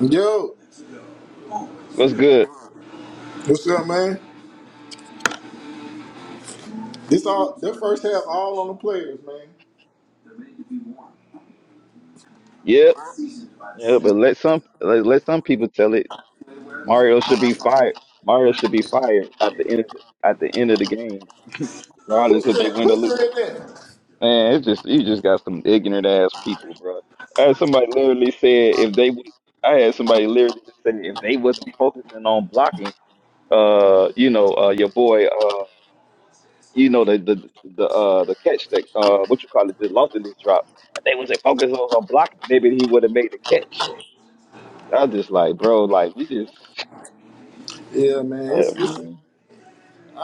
Yo, What's good? what's up, man? This all their first half all on the players, man. Yep, yeah, but let some let, let some people tell it. Mario should be fired. Mario should be fired at the end of the, at the end of the game, Who regardless if they said win or who lose. said that? Man, it's just you just got some ignorant ass people, bro. I had somebody literally said if they would. I had somebody literally say if they wasn't focusing on blocking, uh, you know, uh, your boy, uh, you know, the the the uh the catch that uh what you call it, the lost in this drop. If they wasn't focused on, on blocking, maybe he would have made the catch. I just like, bro, like you just, Yeah, man. It's it's Mhm.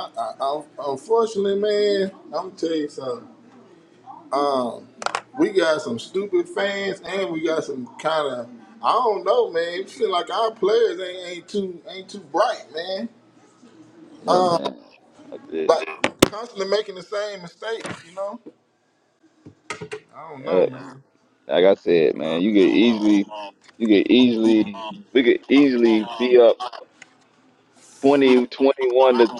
I, I, unfortunately, man. I'm gonna tell you something. Uh, we got some stupid fans, and we got some kind of I don't know, man. It feel like our players ain't ain't too ain't too bright, man. yeah, man. I just, Like constantly making the same mistakes, you know. I don't know, uh, man. like I said, man, you could easily, you could easily, we could easily be up 20, 21 to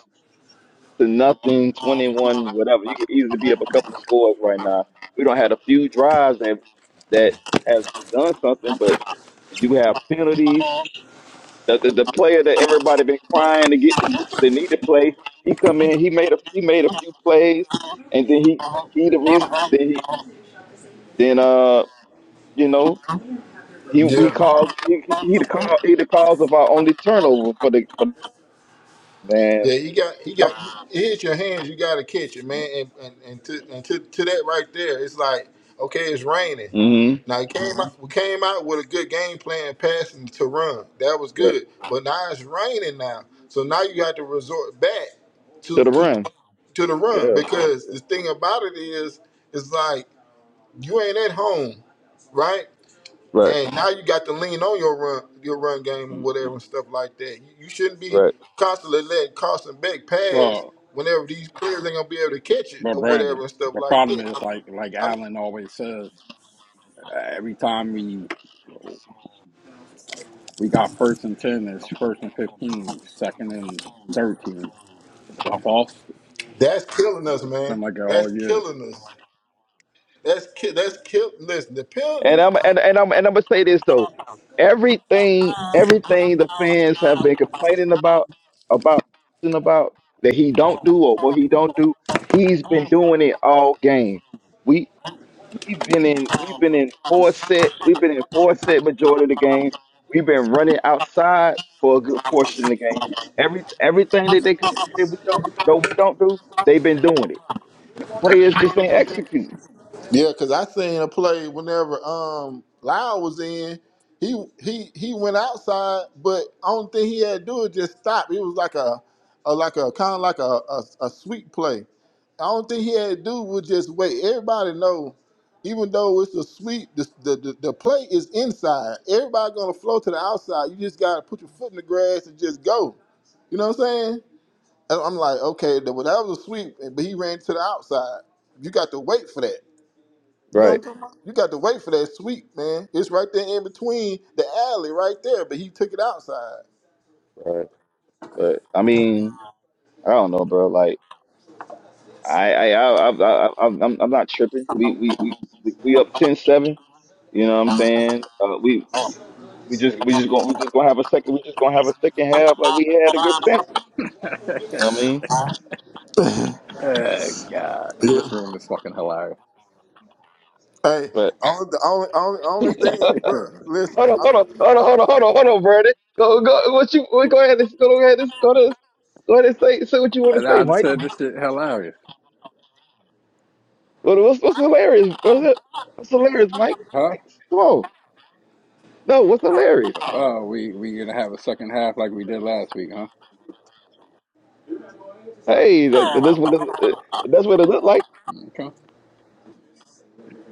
to nothing, 21, whatever. You could easily be up a couple of scores right now. We don't have a few drives that that have done something, but you have penalties. The, the the player that everybody been crying to get they need to play. He come in. He made a he made a few plays, and then he he the reason. Then he then uh you know he he Yeah, caused he he he the cause he the cause of our only turnover for the for man. yeah. You got, you got. He hit your hands. You got to catch it, man. And and, and, to, and to, to that right there, it's like okay, it's raining. Mm-hmm. Now it came out, we came out with a good game plan, passing to run. That was Right good. But now it's raining now, so now you got to resort back to to the to run. to the run Yeah. because the thing about it is, it's like you ain't at home, right? Right. and now you got to lean on your run your run game or Mm. whatever and stuff like that. You, you shouldn't be Right. constantly letting Carson Beck pass Well, whenever these players ain't gonna be able to catch it but or whatever Brandon, and stuff the like problem that. is I, like like I mean, Alan always says, every time we we got first and ten, it's first and fifteen, second and thirteen. The false, that's killing us, it's man. been like it That's all year. killing us. That's ki- that's kill. Listen, the And penalties. I'm and, and I'm and I'm gonna say this though. Everything everything the fans have been complaining about about and about that he don't do or what he don't do, he's been doing it all game. We we've been in we've been in four set we've been in four set majority of the game. We've been running outside for a good portion of the game. Every everything that they complain that we don't though we don't do, they've been doing it. Players just ain't executing. Yeah, cause I seen a play whenever um Lyle was in, he he he went outside, but only thing he had to do was just stop. It was like a, a like a kind of like a, a a sweep play. I don't think he had to do was just wait. Everybody know, even though it's a sweep, the the, the, the play is inside. Everybody gonna flow to the outside. You just gotta put your foot in the grass and just go. You know what I'm saying? And I'm like, okay, that well, that was a sweep, but he ran to the outside. You got to wait for that. You know what Right, I'm talking about? You got to wait for that sweep, man. It's right there in between the alley, right there. But he took it outside. right, right. I mean I don't know, bro. Like I, I, I, I, I I- I'm, I'm not tripping. We, we, we, we we up ten seven. You know what I'm saying? Uh, we, we just, we just gonna, we just gonna have a second. We just gonna have a second half like we had against Stanford. You know what I mean? oh, God, this room is fucking hilarious. Hey, But only, the only, only, only thing, bro. hold Listen, on, I, hold on, hold on, hold on, hold on, hold on, Brandon. Go, go. What you? What, go ahead. and- Go ahead. and- Go to. Go ahead and say, say what you want and to say, I just Mike. said this shit hilarious, What, what's, what's hilarious? What's, it- what's hilarious, Mike? huh? Come on. No, what's hilarious? Oh, we we gonna have a second half like we did last week, huh? Hey, that, that's what it, that's what it looked like. Mm, Okay.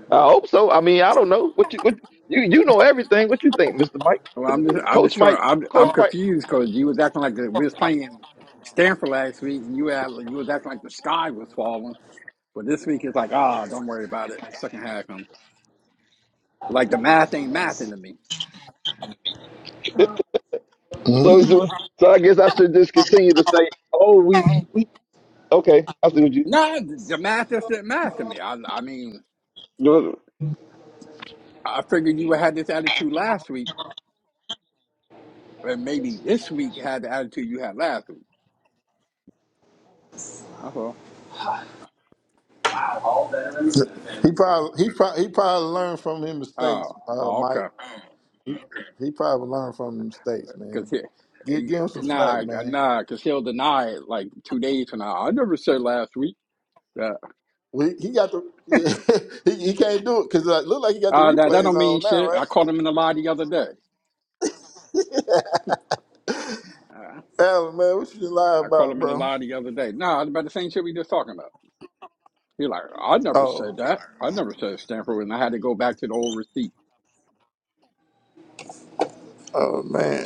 I hope so. I mean, I don't know what you what you you know everything. What you think, Mister Mike, Well, I'm just, I'm just Coach trying. Mike, I'm, Coach I'm Mike? confused because you was acting like the, we was playing Stanford last week, and you had, you was acting like the sky was falling. But this week it's like, ah, don't worry about it. Second half coming. Like the math ain't mathing to me. So Mhm. so so I guess I should just continue to say, oh, we we okay. I see what you No, the the math is not math to me. I, I mean, do. I figured you had this attitude last week, and maybe this week had the attitude you had last week. That's all. he probably, he probably, he probably learned from his mistakes, Oh, uh, oh, okay. Mike. He, he probably learned from his mistakes, man. Because Give, give him some slack, nah, man. nah, because he'll deny it like two days from now. I never said last week. We, he got the, yeah, he, he can't do it because it look like he got the Uh, that that replays don't on mean now, shit. I right? called him in a lie the other day. Uh, Alan, man, what you lying I called about, him in a bro? lie the other day. No, about the same shit we just talking about. He like, I never Oh. said that. I never said Stanford, and I had to go back to the old receipt. Oh Uh, man.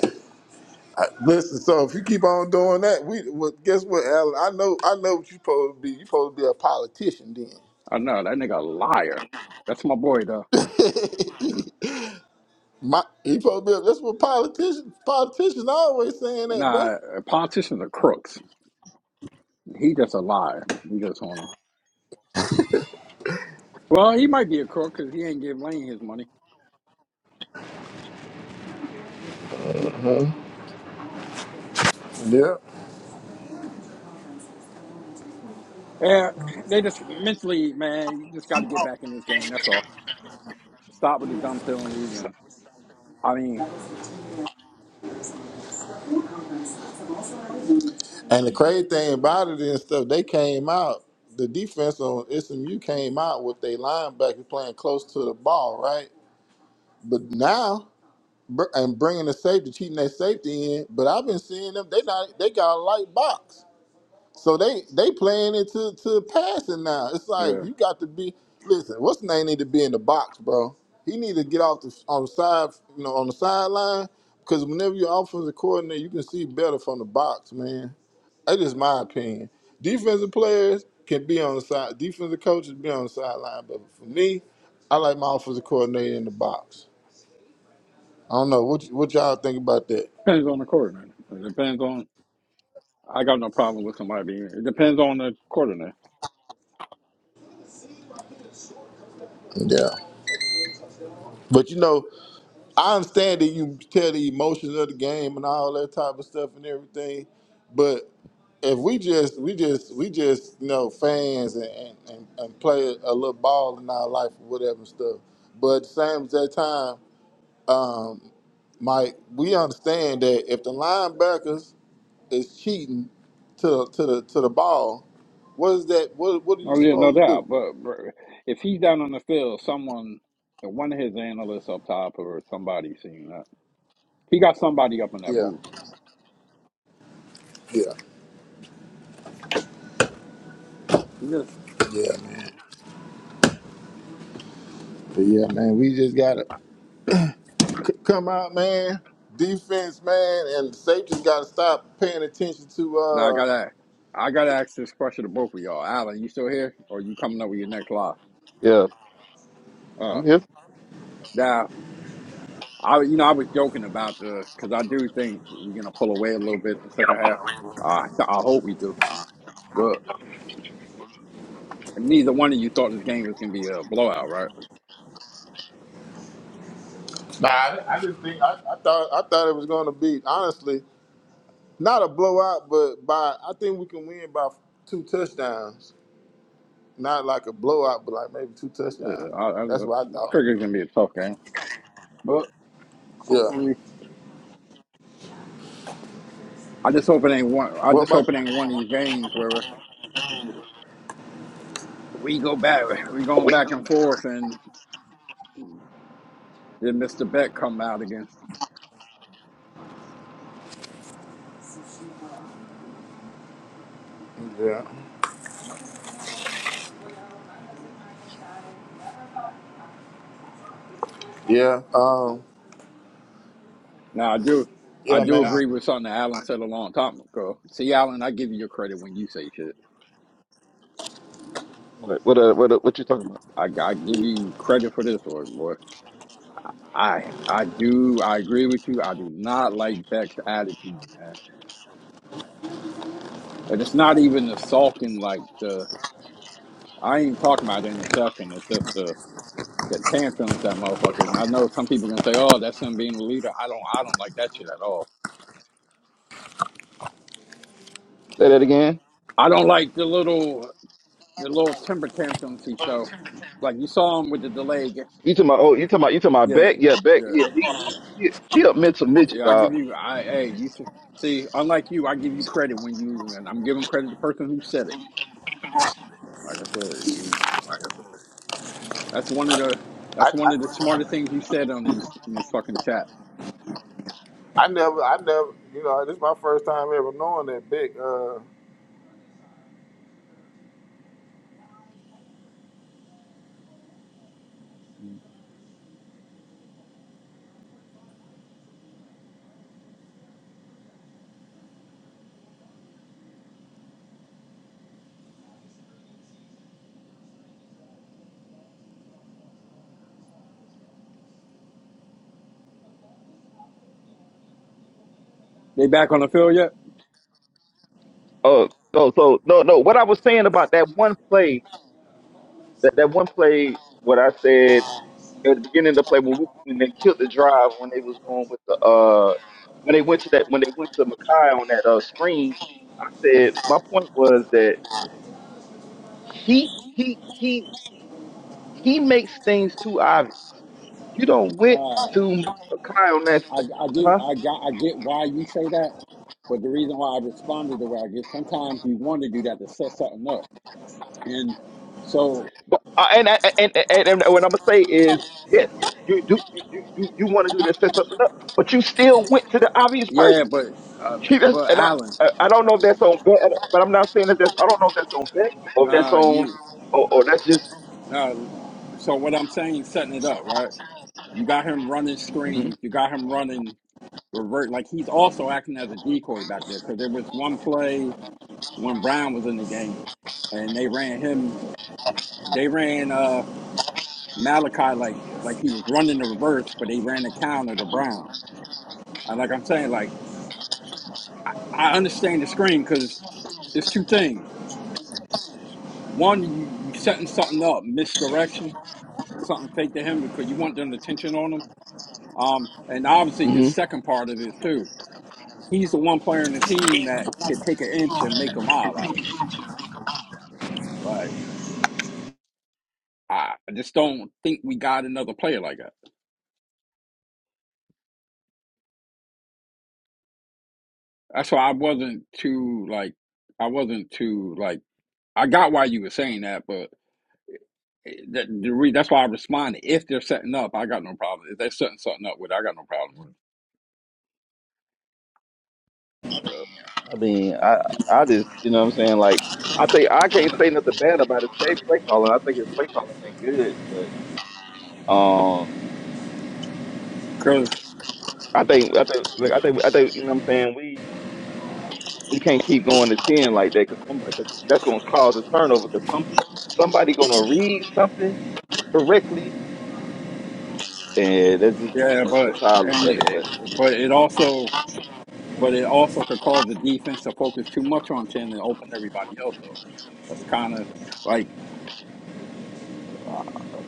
I, listen, so if you keep on doing that, we well, guess what, Alan? I know I know what you supposed to be. You supposed to be a politician then. I know that nigga a liar. That's my boy though. My you supposed to be a, that's what politicians politicians always saying that, bro. Nah, politicians are crooks. He just a liar. He just wanna. Well, he might be a crook because he ain't give Lane his money. Yeah. Yeah, they just mentally, man. You just got to get back in this game. That's all. Stop with the dumb penalties, and I mean, And the crazy thing about it and stuff, they came out, the defense on SMU came out with their linebackers playing close to the ball, right? But now, br- and bringing the safety, cheating that safety in, but I've been seeing them, they not, they got a light box. So they they playing it to to passing now. It's like yeah. you got to be listen. What's the name need to be in the box, bro? He need to get off the on the side, you know, on the sideline because whenever your offensive coordinator, you can see better from the box, man. That's just my opinion. Defensive players can be on the side. Defensive coaches be on the sideline, but for me, I like my offensive coordinator in the box. I don't know what y- what y'all think about that. Depends on the coordinator. It depends on. I got no problem with somebody being. It depends on the coordinator. Yeah, but you know. I understand that you tell the emotions of the game and all that type of stuff and everything, but if we just we just we just you know fans and and, and, and play a little ball in our life or whatever and stuff, but at the same as that time, Mike, we understand that if the linebackers is cheating to the to the to the ball, what is that? What what are you Oh yeah, no supposed to do? doubt. But, but if he's down on the field, someone, one of his analysts up top or somebody seen that. He got somebody up in that Yeah, booth. yeah, He just. yeah, man. But yeah, man, we just got to C- come out, man. Defense, man, and safety's got to stop paying attention to. Now I uh gotta. I gotta ask this question to both of y'all. Alan, you still here, or you coming up with your next lie? Yeah, Uh, I'm here. now I, you know, I was joking about the because I do think we're gonna pull away a little bit in the second half. Uh, I hope we do, but. And neither one of you thought this game was going to be a blowout, right? Nah, I, I just think I, I thought I thought it was going to be honestly not a blowout, but by I think we can win by two touchdowns. Not like a blowout, but like maybe two Yeah, touchdowns. I, I That's what I thought. figured it's going to be a tough game, but Yeah. hopefully, I just hope it ain't one. I What just about? hope it ain't one of these games where we go back, we going back and forth, and then Mr. Beck come out again. you? Yeah. Yeah. Um. Now I do, I Yeah, do man. agree with something that Alan said a long time ago. See, Alan, I give you your credit when you say shit. What what uh, what, uh, what you talking about? I, I give you credit for this one, boy. I I do I agree with you. I do not like Beck's attitude, man. And it's not even the sulking, like the I ain't talking about the interception. It's just the the tantrums that motherfucker. And I know some people gonna say, "Oh, that's him being a leader." I don't I don't like that shit at all. Say that again. I don't like the little the little temper tantrums he throw. Like you saw him with the delay. ga- You talking about? Oh, you talking about? You talking about Yeah, Beck? Yeah, Beck. yeah, Yeah, he he he, he a mental midget, yeah. I give dog. you I hey you should. See, unlike you, I give you credit when you, and I'm giving credit to the person who said it. Like I said, you. That's one of the I, that's one of the I smartest things you said on these in this fucking chat. I never I never you know this is my first time ever knowing that big. Uh, They back on the field yet? Oh, no, so no, no. What I was saying about that one play. That that one play, what I said at the beginning of the play when we, when they killed the drive when they was going with the uh when they went to that when they went to Makai on that uh screen, I said my point was that he he he he makes things too obvious. You don't went Nah, to Makai on that, I s- I get huh? I got I get why you say that, but the reason why I responded the way I did, sometimes you want to do that to set something up, and so But uh, and, I- and and and what I'm gonna say is yes, you do you you you want to do that set something up, but you still went to the obvious yeah, person. but uh, He does, but and I, Alan, I I don't know if that's on bet, but I'm not saying that that's. I don't know if that's on bet or if that's nah, on, you or, or that's just. nah. So what I'm saying, setting it up, right? You got him running hmm screens, you got him running revert, like he's also acting as a decoy back there because there was one play when Brown was in the game, and they ran him. They ran uh Malachi like like he was running the reverse, but they ran the counter to Brown. I, like I'm saying, like I understand the screen because it's two things. One, you you setting something up, misdirection, something fake to him because you want them attention on him. Um, and obviously the hmm second part of it too. He's the one player in the team that can take an inch and make a mile out of it. Like I I just don't think we got another player like that. That's why I wasn't too like I wasn't too like I got why you were saying that, but eh, that the re, that's why I responded. If they're setting up, I got no problem. If they're setting something up with, it, I got no problem with. it. I mean, I, I just, you know, what I'm saying, like, I think I can't say nothing bad about his play play calling. I think his play calling been good, but um, Cause I think, I think, like, I think, I think, you know, what I'm saying, we we can't keep going to ten like that because somebody, cause that's gonna cause a turnover because some pe- somebody gonna read something correctly, and that's just yeah, that's, but that's how I look and at it, it- but. but it also but it also could cause the defense to focus too much on ten and open everybody else up. That's kind of like uh,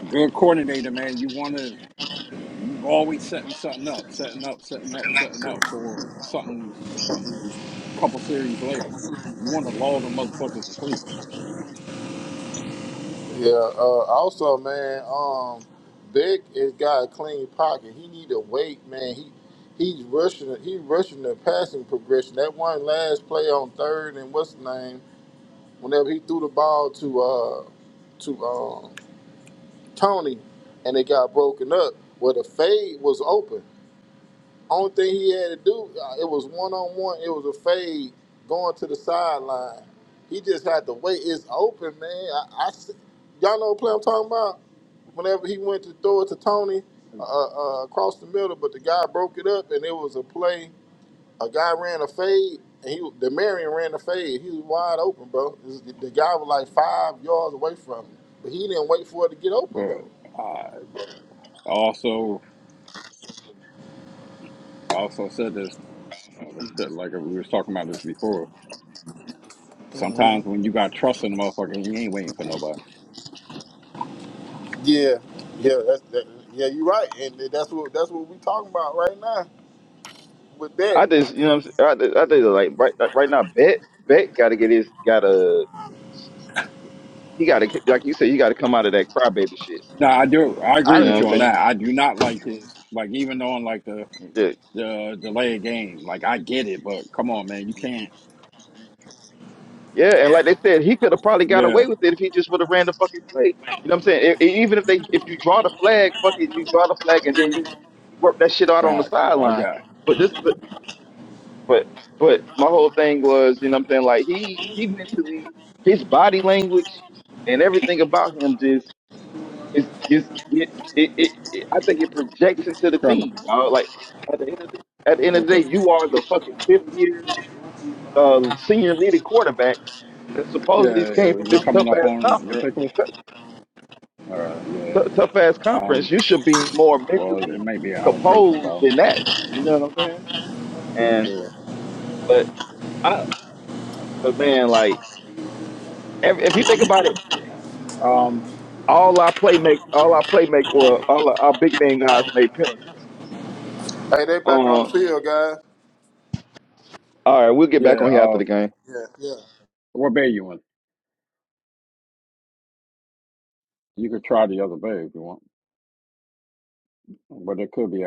good coordinator, man. You want to You always setting something up, setting up, setting up, setting up for something a couple series later. You want to lull them motherfuckers to sleep. Yeah. Uh, also, man, um, Beck has got a clean pocket. He need to wait, man. He he's rushing. He rushing the passing progression. That one last play on third and what's the name? Whenever he threw the ball to uh to um Tony, and it got broken up. Well, the fade was open. Only thing he had to do, uh, it was one on one. It was a fade going to the sideline. He just had to wait. It's open, man. I, I see- y'all know what play I'm talking about. Whenever he went to throw it to Tony uh, uh, uh, across the middle, but the guy broke it up, and it was a play. A guy ran a fade, and he the Marion ran a fade. He was wide open, bro. This- The guy was like five yards away from him, but he didn't wait for it to get open But though. I also I also said this I was like we was talking about this before. Sometimes when you got trust in a motherfucker, he ain't waiting for nobody. Yeah, yeah, that's that, yeah. You're right, and that's what that's what we talking about right now. With that, I just, you know, what I'm saying? I, I think like right, like, right now, Bet, Bet got to get his, got to, he got to, like you said, you got to come out of that crybaby shit, No, man. I do. I I agree You know with what you didn't I'm on even. that. saying? I do not like his like even on like the Yeah, the delay of game. Like I get it, but come on, man, you can't. yeah, and like they said, he could have probably got Yeah, away with it if he just would have ran the fucking play. You know what I'm saying? E- e- even if they, if you draw the flag, fuck it, you draw the flag, and then you, you work that shit out on the facts. I sideline. got But this, but, but, but my whole thing was, you know what I'm saying? Like he, he mentally, his body language and everything about him just It's just it, it, it, it- I think it projects into the Colonel. team, dog. Like at the end of the, at the end of the What's day, up? you are the fucking fifth year um, senior leading quarterback that Yeah, supposedly yeah, came is from it this coming tough up ass on your conference. pick list? Uh, yeah. Tough ass Um, conference. You should be more well, it mentally may be an allocation composed problem. than that. You know what I'm saying? And Yeah. but I but man, like every, if you think about it, Um, all our play make all our play make well all our, our big name guys made penalties. Hey, they back on Um. field, guys. All right, we'll get back yeah. on here after Uh, the game. Yeah, yeah. what bay you in? You could try the other bay if you want, but it could be